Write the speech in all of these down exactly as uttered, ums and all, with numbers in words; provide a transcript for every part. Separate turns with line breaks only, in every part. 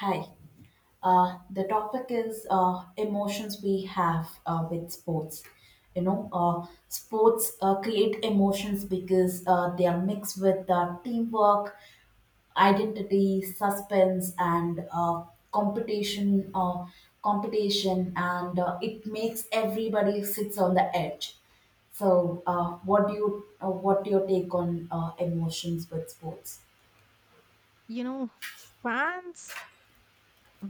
Hi. Uh, the topic is uh, emotions we have uh, with sports. You know, uh, sports uh, create emotions because uh, they are mixed with uh, teamwork, identity, suspense, and uh, competition. Uh, competition, and uh, it makes everybody sits on the edge. So, uh, what do you uh, what do your take on uh, emotions with sports?
You know, fans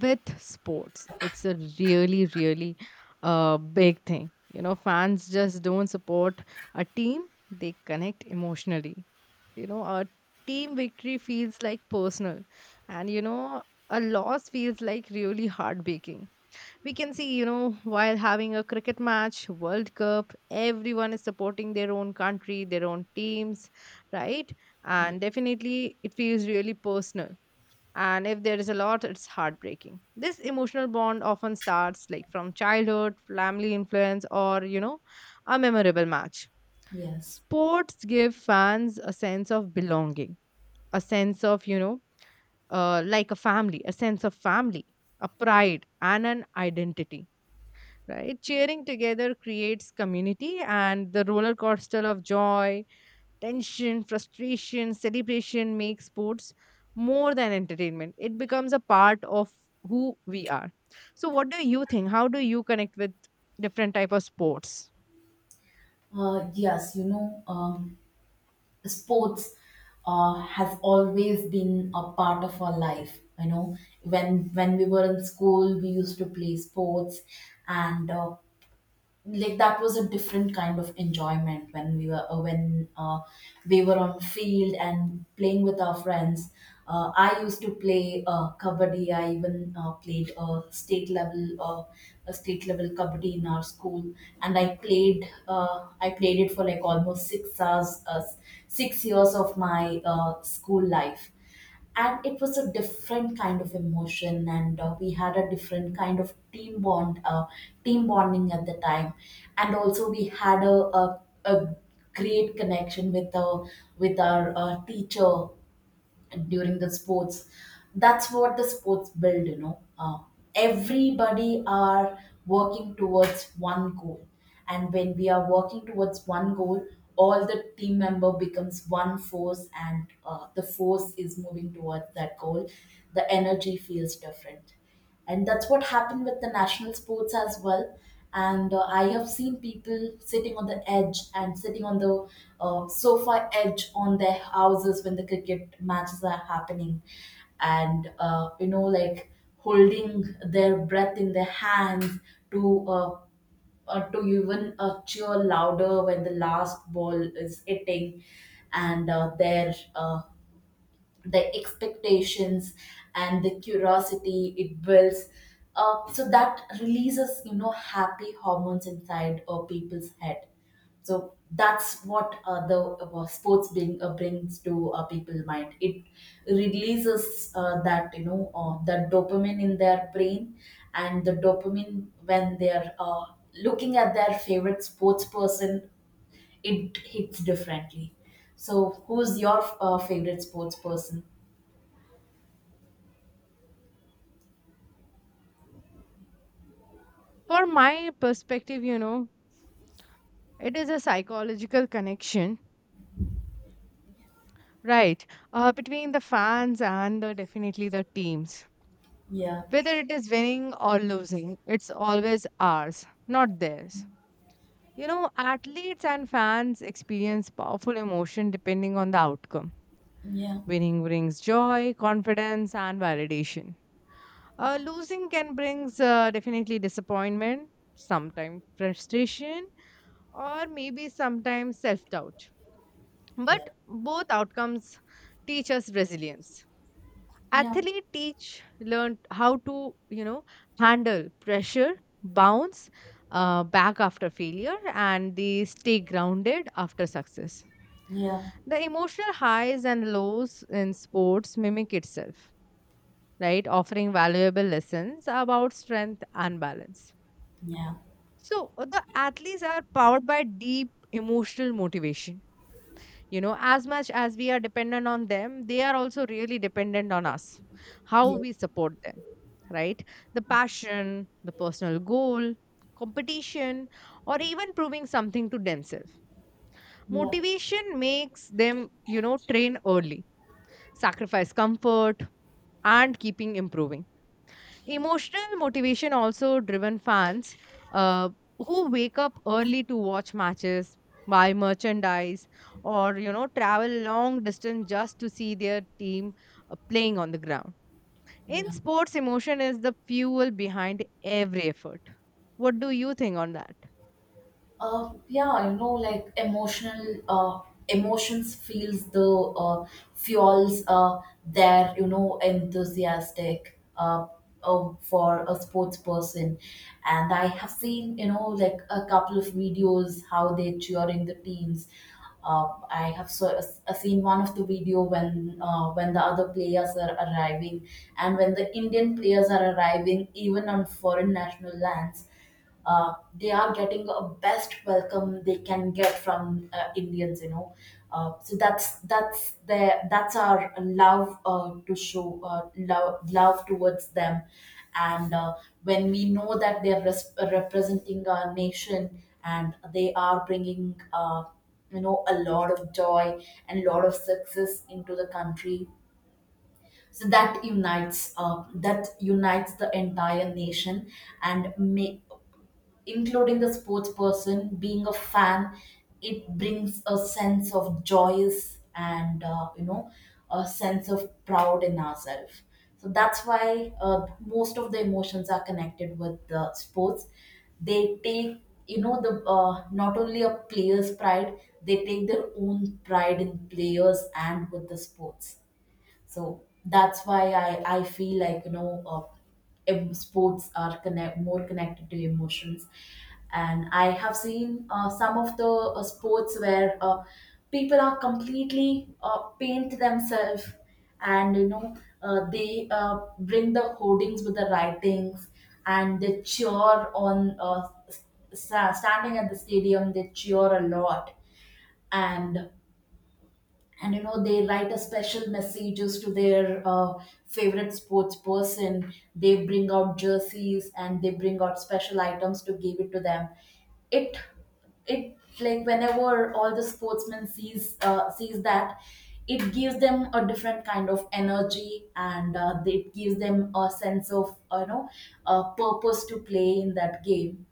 with sports, it's a really really uh, big thing. You know, fans just don't support a team, they connect emotionally. You know, a team victory feels like personal, and you know, a loss feels like really heartbreaking. We can see, you know, while having a cricket match world cup, everyone is supporting their own country, their own teams, right? And
Ye-
definitely it feels really personal. And if there is a lot, it's heartbreaking. This emotional bond often starts like from childhood, family influence, or you know, a memorable match.
Yes.
Sports give fans a sense of belonging, a sense of, you know, uh, like a family, a sense of family, a pride and an identity, right? Cheering together creates community, and the roller coaster of joy, tension, frustration, celebration make sports more than entertainment. It becomes a part of who we are. So what do you think? How do you connect with different type of sports?
Uh, yes, you know, um, sports uh, has always been a part of our life, you know, when when we were in school we used to play sports. And uh, like that was a different kind of enjoyment when we were uh, when uh, we were on field and playing with our friends. uh, I used to play uh, kabaddi. I even uh, played a state level uh, a state level kabaddi in our school, and I played uh, I played it for like almost six hours, uh, six years of my uh, school life. And it was a different kind of emotion, and uh, we had a different kind of team bond uh, team bonding at the time. And also we had a, a, a great connection with uh, with our uh, teacher during the sports. That's what the sports build, you know. Uh, everybody are working towards one goal, and when we are working towards one goal, all the team member becomes one force, and uh, the force is moving towards that goal. The energy feels different, and that's what happened with the national sports as well. And uh, I have seen people sitting on the edge and sitting on the uh, sofa edge on their houses when the cricket matches are happening. And uh, you know, like holding their breath in their hands to uh, uh, to even uh, cheer louder when the last ball is hitting. And uh, their uh, the expectations and the curiosity it builds. Uh, so that releases, you know, happy hormones inside uh, people's head. So that's what uh, the uh, sports being uh, brings to uh, people's mind. It releases uh, that, you know, uh, that dopamine in their brain, and the dopamine when they're uh, looking at their favorite sports person, it hits differently. So who's your uh, favorite sports person?
For my perspective, you know, it is a psychological connection, right? Uh, between the fans and the, definitely the teams.
Yeah,
Whether it is winning or losing, it's always ours, not theirs. You know, athletes and fans experience powerful emotion depending on the outcome.
yeah,
Winning brings joy, confidence, and validation. Uh, losing can brings uh, definitely disappointment, sometimes frustration, or maybe sometimes self doubt.
Yeah.
But both outcomes teach us resilience.
yeah,
Athlete teach learn how to, you know, handle pressure, bounce uh, back after failure, and they stay grounded after success.
yeah,
The emotional highs and lows in sports mimic itself, right? Offering valuable lessons about strength and balance.
yeah,
So, uh, the athletes are powered by deep emotional motivation. You know, as much as we are dependent on them, they are also really dependent on us, how
yeah,
we support them, right? The passion, the personal goal, competition, or even proving something to themselves.
yeah,
Motivation makes them, you know, train early, sacrifice comfort, and keeping improving. Emotional motivation also driven fans uh, who wake up early to watch matches, buy merchandise, or you know, travel long distance just to see their team uh, playing on the ground. In
yeah.
sports, emotion is the fuel behind every effort. What do you think on that?
Uh, yeah, you know, like emotional uh, emotions feels the uh, fuels uh, their, you know, enthusiastic, uh, uh, for a sports person, and I have seen, you know, like a couple of videos how they cheering the teams. Uh, I have so, uh, seen one of the video when uh, when the other players are arriving, and when the Indian players are arriving, even on foreign national lands, uh, they are getting a best welcome they can get from uh, Indians, you know. Uh, so that's that's their, that's our love, uh, to show uh, love love towards them. And uh, when we know that they are res- representing our nation and they are bringing, uh, you know, a lot of joy and a lot of success into the country, so that unites uh, that unites the entire nation and make, including the sports person, being a fan, it brings a sense of joyous and, uh, you know, a sense of proud in ourselves. So that's why uh, most of the emotions are connected with the sports. They take, you know, the uh, not only a player's pride, they take their own pride in players and with the sports. So that's why I, I feel like, you know, uh, em- sports are connect, more connected to emotions. And I have seen uh, some of the uh, sports where uh, people are completely uh, paint themselves and, you know, uh, they uh, bring the hoardings with the writings, and they cheer on uh, s- s- standing at the stadium, they cheer a lot. And and you know they write a special messages to their uh, favorite sports person. They bring out jerseys, and they bring out special items to give it to them. It it like whenever all the sportsmen sees uh, sees that, it gives them a different kind of energy, and uh, it gives them a sense of, uh, you know, a purpose to play in that game.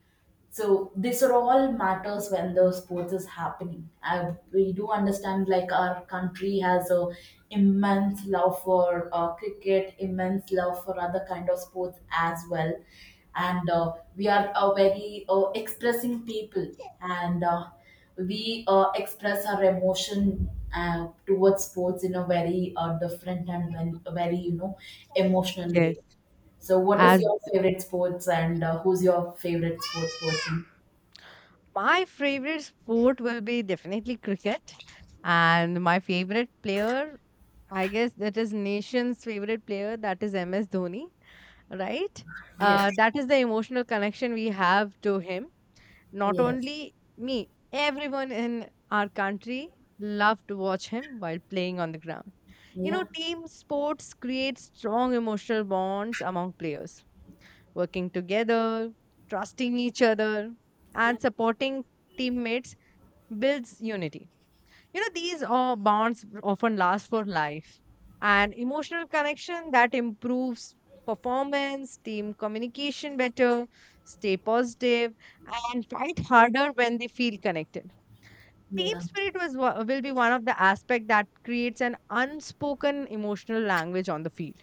So these are all matters when the sports is happening. I, we do understand like our country has a immense love for uh, cricket, immense love for other kind of sports as well, and uh, we are a very uh, expressing people, and uh, we uh, express our emotion uh, towards sports in a very uh, different and very, very, you know, emotional
Yes,
way. So, what is
as
your favorite sports, and uh, who's your favorite sports person?
my favorite sport will be definitely cricket. And my favorite player, I guess that is nation's favorite player, that is M S Dhoni, right?
Yes,
Uh, that is the emotional connection we have to him. Not
yes,
only me, everyone in our country loved to watch him while playing on the ground. You know,
yeah,
team sports create strong emotional bonds among players, working together, trusting each other,
yeah,
and supporting teammates builds unity. You know, these uh, bonds often last for life. And emotional connection that improves performance, team communication better, stay positive, and fight harder when they feel connected. Team
yeah,
spirit was, wa- will be one of the aspect that creates an unspoken emotional language on the field,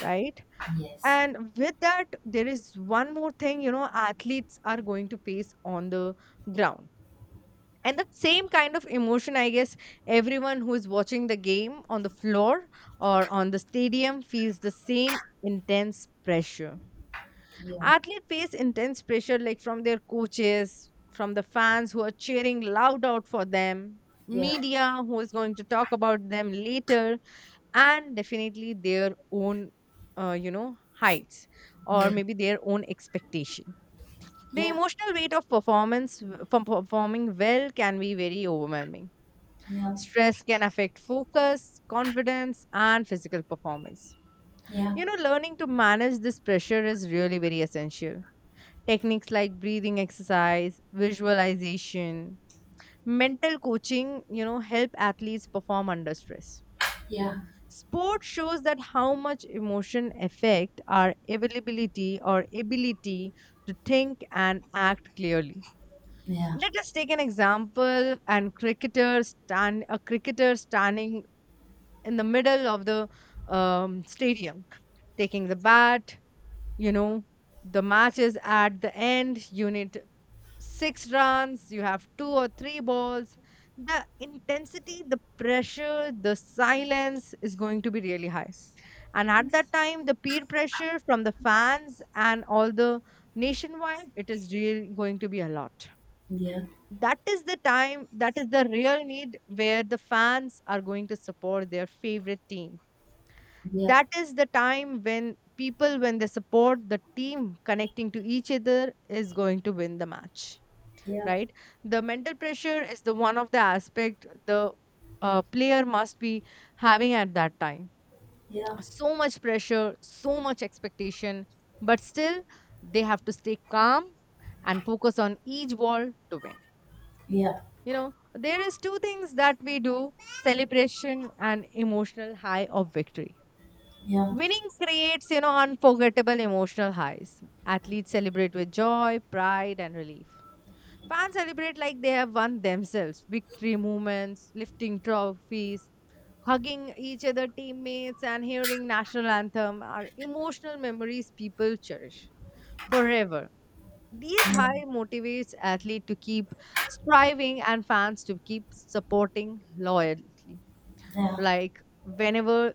right?
yes,
And with that, there is one more thing, you know, athletes are going to face on the ground, and that same kind of emotion, I guess everyone who is watching the game on the floor or on the stadium feels the same intense pressure.
yeah,
Athletes face intense pressure like from their coaches, from the fans who are cheering loud out for them,
yeah,
media who is going to talk about them later, and definitely their own uh, you know, heights, or
yeah,
maybe their own expectation. The
yeah,
emotional weight of performance w- from performing well can be very overwhelming.
yeah,
Stress can affect focus, confidence, and physical performance.
yeah, yeah,
You know, learning to manage this pressure is really very essential. Techniques like breathing exercise, visualization, mental coaching, you know, help athletes perform under stress.
yeah, yeah,
Sport shows that how much emotion affect our availability or ability to think and act clearly. Let us take an example, and cricketer stand a cricketer standing in the middle of the um, stadium, taking the bat. You know, the match is at the end. You need six runs, you have two or three balls. The intensity, the pressure, the silence is going to be really high. And at that time, the peer pressure from the fans and all the nationwide, it is really going to be a lot.
yeah, yeah, yeah, yeah, yeah, yeah, yeah,
That is the time, that is the real need where the fans are going to support their favorite team.
yeah, yeah,
That is the time when people, when they support the team connecting to each other, is going to win the match,
yeah,
right? The mental pressure is the one of the aspect the uh, player must be having at that time. So much pressure, so much expectation, but still they have to stay calm and focus on each ball to win. You know, there is two things that we do: celebration and emotional high of victory. Winning creates, you know, unforgettable emotional highs. Athletes celebrate with joy, pride, and relief. Fans celebrate like they have won themselves. Victory moments, lifting trophies, hugging each other teammates, and hearing national anthem are emotional memories people cherish forever. These high motivates athlete to keep striving and fans to keep supporting loyally. Like whenever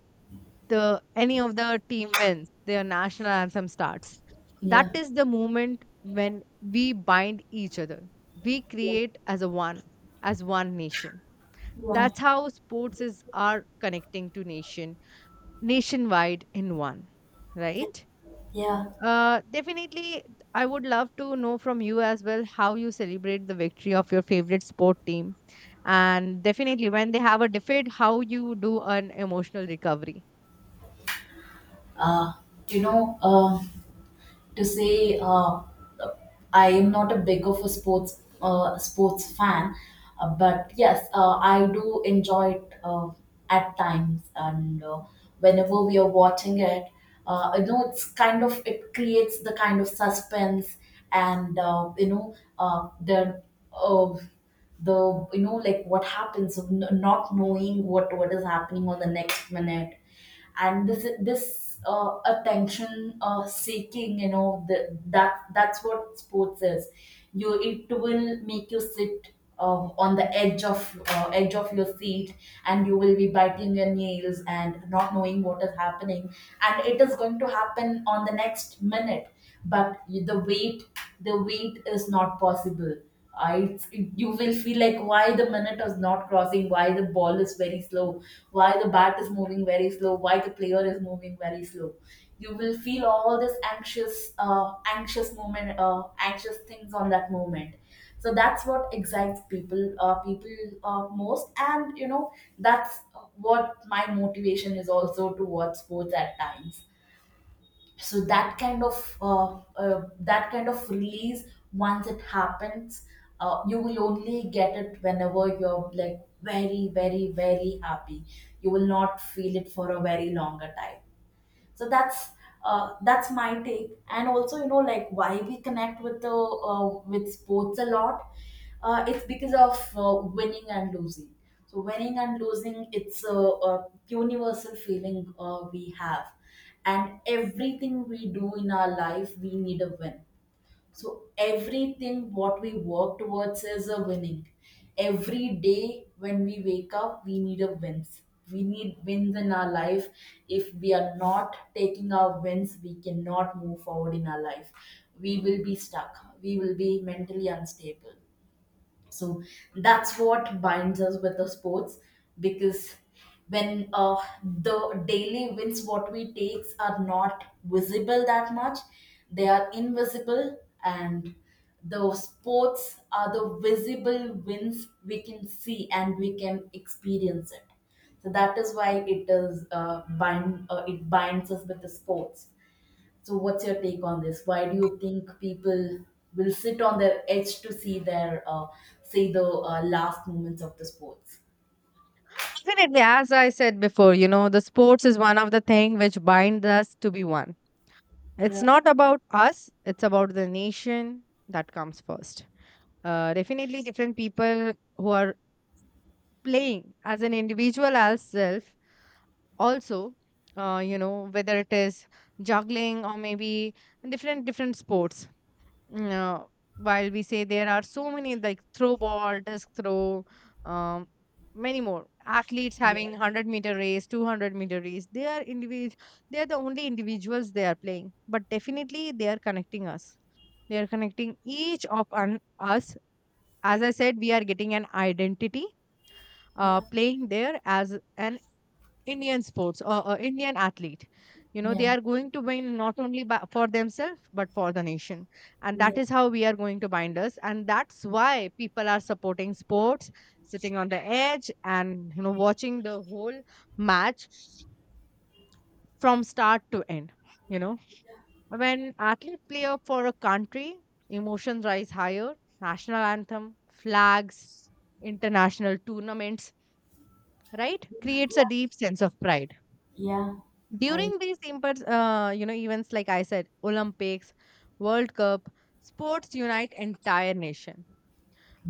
the any of the team wins, their national anthem starts. That is the moment when we bind each other. We create as a one, as one nation. That's how sports is are connecting to nation nationwide in one, right?
Yeah.
Uh, definitely, I would love to know from you as well how you celebrate the victory of your favorite sport team, and definitely when they have a defeat, how you do an emotional recovery.
Uh, you know, um, to say uh, uh, I am not a big of a sports uh, sports fan, uh, but yes, uh, I do enjoy it uh, at times, and uh, whenever we are watching it, uh, you know, it's kind of it creates the kind of suspense, and uh, you know, uh, the uh, the, you know, like what happens, n- not knowing what what is happening on the next minute. And this this uh, attention uh, seeking, you know, the, that that's what sports is. You it will make you sit um, on the edge of uh, edge of your seat, and you will be biting your nails and not knowing what is happening and it is going to happen on the next minute. But the wait the wait is not possible. I it's, you will feel like why the minute is not crossing, why the ball is very slow, why the bat is moving very slow, why the player is moving very slow. You will feel all this anxious, uh, anxious moment, uh, anxious things on that moment. So that's what excites people, uh, people uh, most, and you know that's what my motivation is also to watch sports at times. So that kind of uh, uh, that kind of release, once it happens, uh, you will only get it whenever you're like very, very, very happy. You will not feel it for a very longer time. So that's uh, that's my take. And also, you know, like why we connect with the uh, with sports a lot, uh, it's because of uh, winning and losing. So winning and losing, it's a, a universal feeling uh, we have, and everything we do in our life we need a win. So everything what we work towards is a winning. Every day when we wake up, we need a wins. We need wins in our life. If we are not taking our wins, we cannot move forward in our life. We will be stuck. We will be mentally unstable. So that's what binds us with the sports, because when uh, the daily wins what we takes are not visible that much, they are invisible, and the sports are the visible wins we can see and we can experience it. So that is why it is uh, bind uh, it binds us with the sports. So, what's your take on this? Why do you think people will sit on their edge to see their, uh, say, the uh, last moments of the sports?
Definitely, as I said before, you know, the sports is one of the thing which bind us to be one. It's
Yeah,
not about us, it's about the nation that comes first. Uh, definitely, different people who are playing as an individual as self also, uh, you know, whether it is juggling or maybe different different sports. Mm, uh, while we say there are so many, like throw ball, disc throw, um, many more athletes
yeah,
having one hundred meter race, two hundred meter race, they are individual, they are the only individuals they are playing, but definitely they are connecting us, they are connecting each of un- us. As I said, we are getting an identity uh,
yeah,
playing there as an Indian sports or uh, Indian athlete. You know, they
Yeah,
are going to win not only by, for themselves, but for the nation. And that
yeah,
is how we are going to bind us. And that's why people are supporting sports, sitting on the edge and, you know, watching the whole match from start to end. You know, when athletes play up for a country, emotions rise higher. National anthem, flags, international tournaments, right? Creates a deep sense of pride.
yeah. I
During these impers- uh, you know, events like I said, Olympics, World Cup, sports unite entire nation.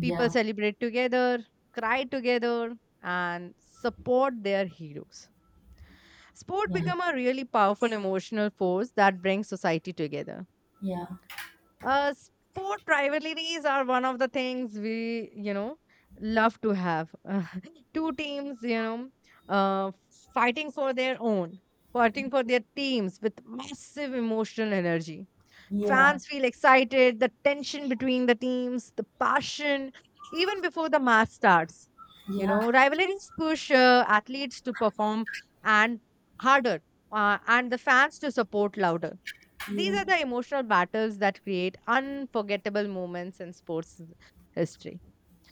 People celebrate together, cry together, and support their heroes. Sport
yeah,
become a really powerful emotional force that brings society together.
yeah,
Uh, sport rivalries are one of the things we, you know, love to have. Two teams, you know, uh, fighting for their own, fighting for their teams with massive emotional energy.
yeah,
Fans feel excited, the tension between the teams, the passion, even before the match starts.
yeah,
You
yeah,
know, rivalries push uh, athletes to perform and harder, uh, and the fans to support louder. These are the emotional battles that create unforgettable moments in sports history.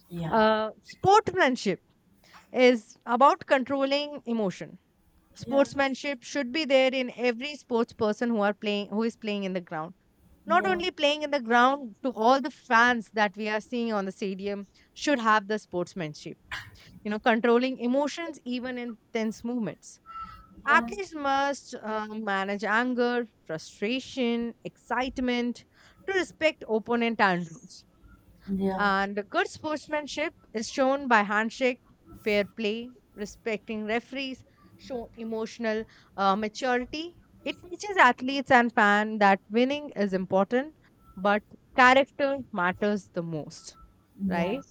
yeah,
Uh, sportsmanship is about controlling emotion.
yeah,
Sportsmanship should be there in every sports person who are playing who is playing in the ground, not
yeah,
only playing in the ground, to all the fans that we are seeing on the stadium should have the sportsmanship. You know, controlling emotions even in tense movements,
yeah,
athletes must uh, manage anger, frustration, excitement to respect opponent and rules.
yeah,
And good sportsmanship is shown by handshake, fair play, respecting referees, show emotional uh, maturity. It teaches athletes and fans that winning is important, but character matters the most,
Yeah.
right?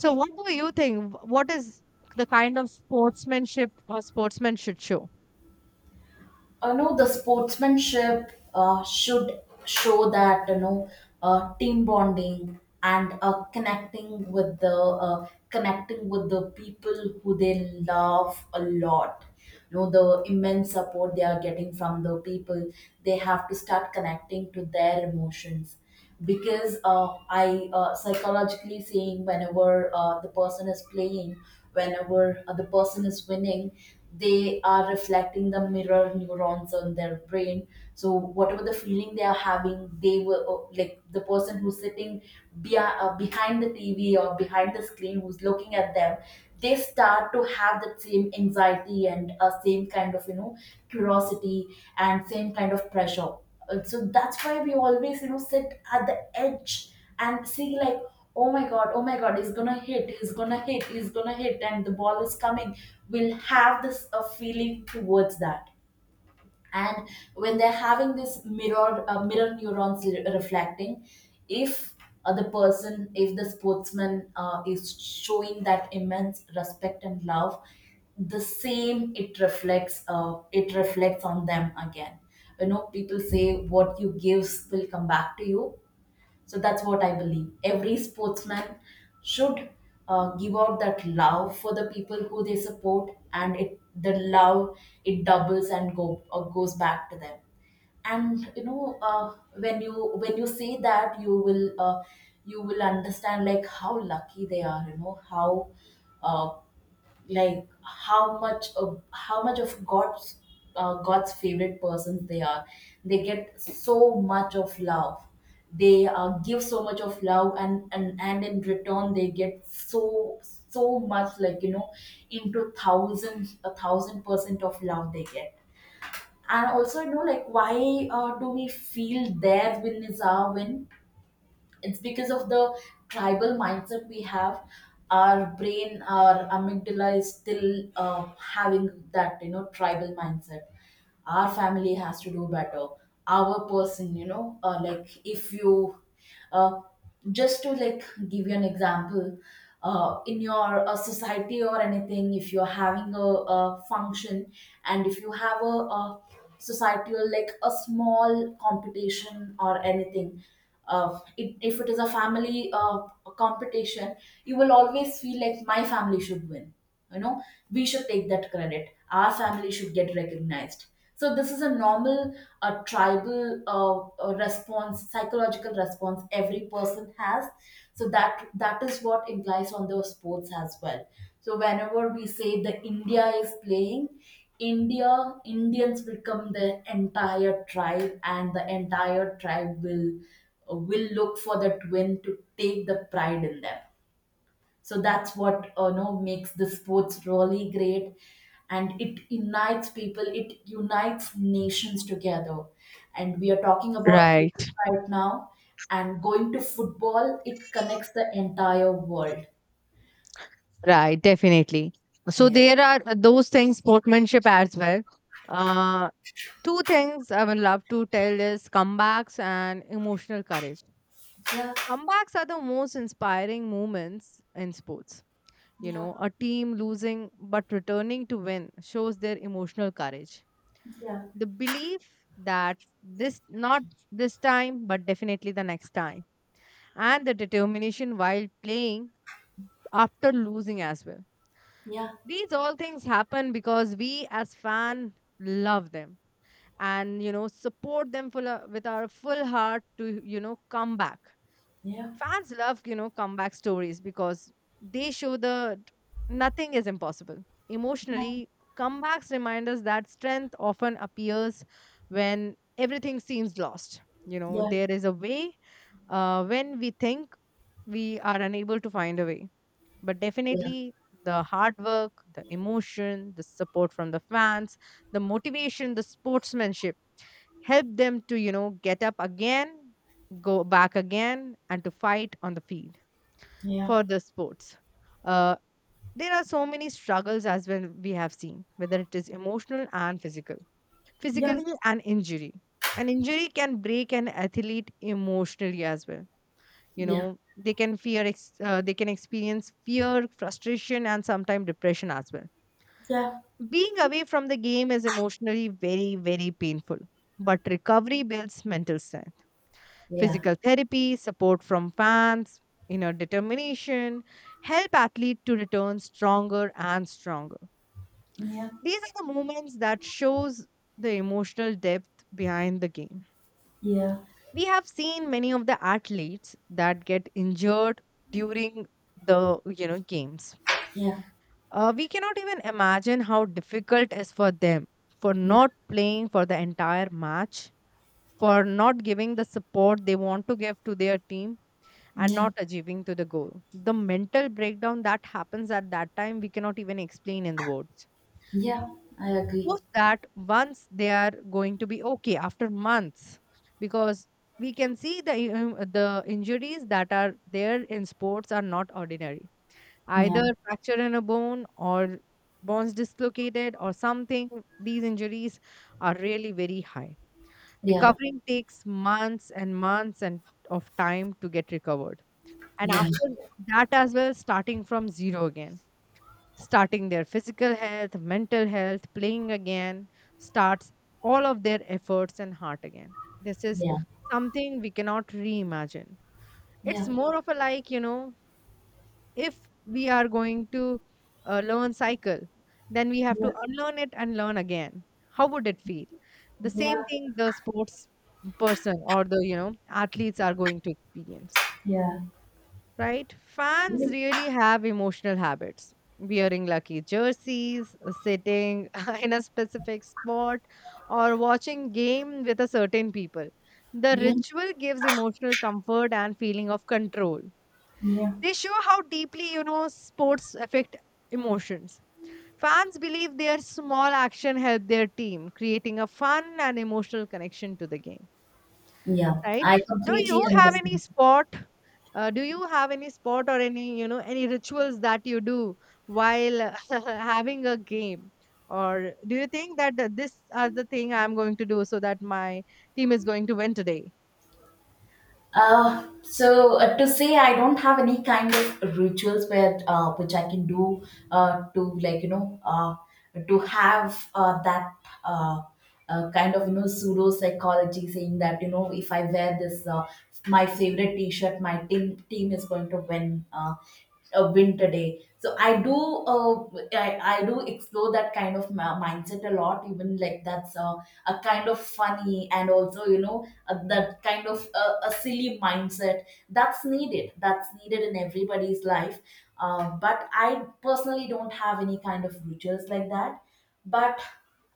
So, what do you think? Wh- What is the kind of sportsmanship a sportsman should show?
You know the sportsmanship uh, should show that, you know, uh, team bonding and uh, connecting with the uh, connecting with the people who they love a lot. You know the immense support they are getting from the people, they have to start connecting to their emotions, because uh, I uh, psychologically saying whenever uh, the person is playing, whenever uh, the person is winning, they are reflecting the mirror neurons on their brain. So whatever the feeling they are having, they will uh, like the person who's sitting be- uh, behind the T V or behind the screen who's looking at them. They start to have that same anxiety and uh, same kind of, you know, curiosity and same kind of pressure. Uh, so that's why we always, you know, sit at the edge and see like, oh my god, oh my god, he's gonna hit, he's gonna hit, he's gonna hit, and the ball is coming, we'll have this uh, feeling towards that. And when they're having this mirror uh, mirror neurons re- reflecting, if uh, the person, if the sportsman uh, is showing that immense respect and love, the same it reflects uh, it reflects on them again. You know people say what you gives will come back to you. So that's what I believe. Every sportsman should uh, give out that love for the people who they support, and it the love it doubles and go uh, goes back to them. And you know, uh, when you when you say that, you will uh, you will understand like how lucky they are. You know how. Uh, like how much of how much of God's uh, God's favorite persons they are. They get so much of love. They uh, give so much of love, and, and and in return they get so so much, like you know into thousands a thousand percent of love they get. And also you know like, why uh, do we feel their win is our win? It's because of the tribal mindset we have. Our brain, our amygdala, is still uh, having that you know tribal mindset. Our family has to do better. Our person, you know uh, like, if you uh, just to like give you an example, uh, in your uh, society or anything, if you're having a, a function, and if you have a, a societal, like a small competition or anything. Uh, it, if it is a family uh, competition, you will always feel like my family should win. you know we should take that credit. Our family should get recognized. So this is a normal uh, tribal uh, uh, response psychological response every person has. So that that is what implies on the sports as well. So whenever we say the india is playing, india Indians will come. The entire tribe, and the entire tribe will will look for that win to take the pride in them. So that's what uh, know makes the sports really great. And it unites people, it unites nations together. And we are talking about cricket
Right,
right now, and going to football, it connects the entire world.
right, definitely. So
Yeah,
there are uh, those things, sportsmanship as well. Uh, two things I would love to tell is comebacks and emotional courage.
yeah,
Comebacks are the most inspiring moments in sports. You
yeah,
know, a team losing but returning to win shows their emotional courage.
yeah,
The belief that this, not this time, but definitely the next time, and the determination while playing after losing as well.
yeah,
These all things happen because we as fan love them, and you know, support them full, uh, with our full heart to, you know, come back.
yeah,
Fans love, you know, comeback stories because they show that nothing is impossible. Emotionally, comebacks remind us that strength often appears when everything seems lost. You know,
yeah,
there is a way uh, when we think we are unable to find a way. But
yeah,
definitely, the hard work, the emotion, the support from the fans, the motivation, the sportsmanship help them to, you know, get up again, go back again, and to fight on the field
yeah,
for the sports. Uh, there are so many struggles as well we have seen, whether it is emotional and physical.
yeah,
Physically, an injury. An injury can break an athlete emotionally as well. You
yeah, yeah,
know, they can fear, ex- uh, they can experience fear, frustration, and sometimes depression as well. Being away from the game is emotionally very, very painful, but recovery builds mental strength.
yeah,
Physical therapy, support from fans, inner determination help athlete to return stronger and stronger.
yeah, yeah,
These are the moments that shows the emotional depth behind the game.
yeah,
We have seen many of the athletes that get injured during the you know games.
yeah,
Uh, we cannot even imagine how difficult is for them for
yeah,
not playing for the entire match, for not giving the support they want to give to their team and
yeah,
not achieving to the goal. The mental breakdown that happens at that time, we cannot even explain in the words.
yeah. I agree.
Post that once they are going to be okay after months, because we can see the um, the injuries that are there in sports are not ordinary.
Yeah,
Either fracture in a bone or bones dislocated or something. These injuries are really very high.
yeah.
Recovering takes months and months and of time to get recovered and
Yeah,
after that as well, starting from zero again, starting their physical health, mental health, playing again, starts all of their efforts and heart again. This is
yeah,
something we cannot reimagine. It's
yeah.
more of a like, you know, if we are going to uh, learn cycle, then we have
Yeah,
to unlearn it and learn again. How would it feel? The
yeah,
same thing the sports person or the, you know, athletes are going to experience,
yeah,
right? Fans really have emotional habits. Wearing lucky jerseys, sitting in a specific spot, or watching game with a certain people. The
yeah,
ritual gives emotional comfort and feeling of control.
yeah.
They show how deeply, you know, sports affect emotions. Fans believe their small action help their team, creating a fun and emotional connection to the game,
Yeah.
right?
I
Do
completely
you have any
understand.
sport uh, do you have any sport or any, you know, any rituals that you do while having a game? Or do you think that th- this is the thing I'm going to do so that my team is going to win today?
Uh, so uh, to say, I don't have any kind of rituals where uh, which I can do, uh, to like you know uh, to have uh, that uh, uh, kind of you know pseudo psychology, saying that you know if I wear this, uh, my favorite T-shirt, my team team is going to win. Uh, a winter day. So I do, uh, I, I do explore that kind of ma- mindset a lot. Even like that's a, a kind of funny, and also you know a, that kind of a, a silly mindset that's needed. That's needed in everybody's life. Uh, but I personally don't have any kind of rituals like that. But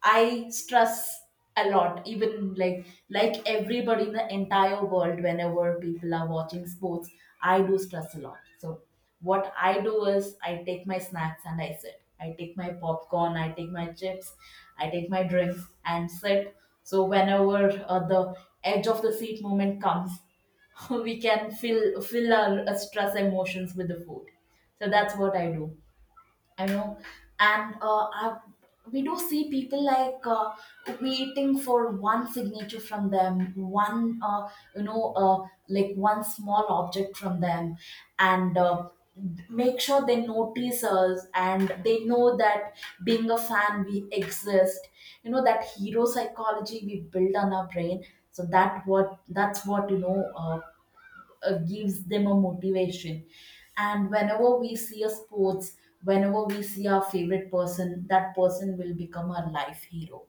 I stress a lot, even like like everybody in the entire world. Whenever people are watching sports, I do stress a lot. So what I do is I take my snacks and I sit. I take my popcorn, I take my chips, I take my drinks and sit. So whenever uh, the edge of the seat moment comes, we can fill fill our uh, stress emotions with the food. So that's what I do. I know, and uh, I, we do see people, like uh, waiting for one signature from them, one uh, you know, uh, like one small object from them, and uh, make sure they notice us and they know that being a fan we exist. You know that hero psychology we build on our brain. So that what that's what you know. Uh, uh, gives them a motivation. And whenever we see a sports whenever we see our favorite person, that person will become our life hero.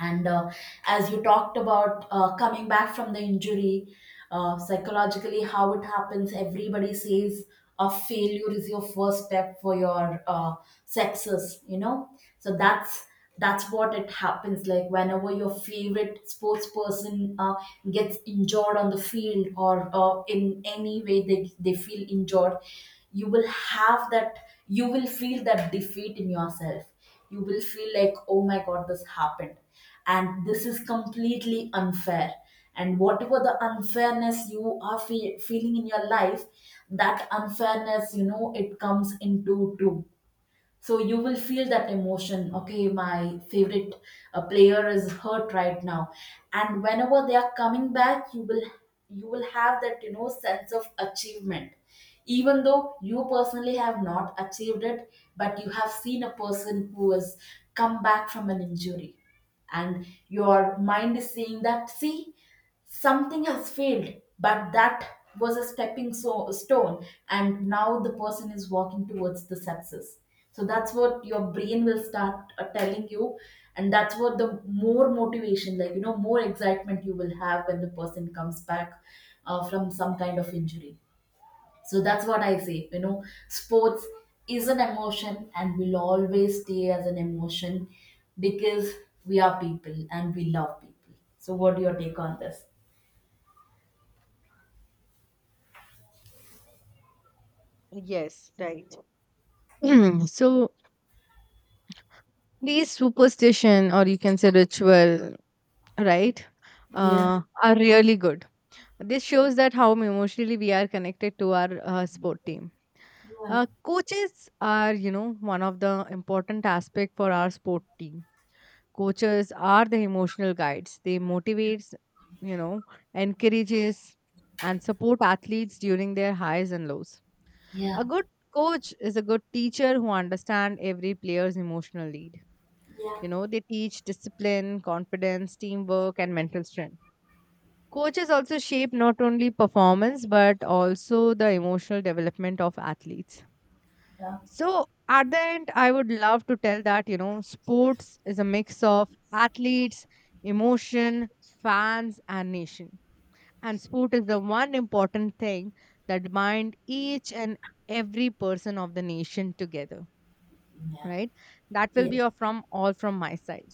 And uh, as you talked about uh, coming back from the injury, uh, psychologically, how it happens, everybody says a failure is your first step for your uh, success, you know? So that's that's what it happens, like whenever your favorite sports person uh, gets injured on the field or uh, in any way they, they feel injured, you will have that. You will feel that defeat in yourself. You will feel like, oh my god, this happened, and this is completely unfair. And whatever the unfairness you are fe- feeling in your life, that unfairness, you know it comes into two. So you will feel that emotion. Okay, my favorite uh, player is hurt right now. And whenever they are coming back, you will you will have that, you know sense of achievement. Even though you personally have not achieved it, but you have seen a person who has come back from an injury. And your mind is saying that, see, something has failed, but that was a stepping so- stone, and now the person is walking towards the success. So that's what your brain will start uh, telling you. And that's what the more motivation, like you know more excitement you will have when the person comes back uh, from some kind of injury. So that's what I say. You know, sports is an emotion and will always stay as an emotion, because we are people and we love people. So what do your take on this?
Yes, right. So these superstition or you can say ritual, right,
Yeah.
uh, are really good. This shows that how emotionally we are connected to our uh, sport team.
Yeah.
Uh, coaches are, you know, one of the important aspect for our sport team. Coaches are the emotional guides. They motivates, you know, encourages and support athletes during their highs and lows.
Yeah.
A good coach is a good teacher who understands every player's emotional need.
Yeah.
You know, they teach discipline, confidence, teamwork, and mental strength. Coaches also shape not only performance but also the emotional development of athletes.
Yeah.
So at the end, I would love to tell that, you know, sports is a mix of athletes, emotion, fans, and nation. And sport is the one important thing that bind each and every person of the nation together,
Yeah.
right? That will
Yeah.
be all from all from my side.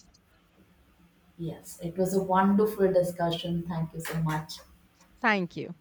Yes. It was a wonderful discussion. Thank you so much.
Thank you.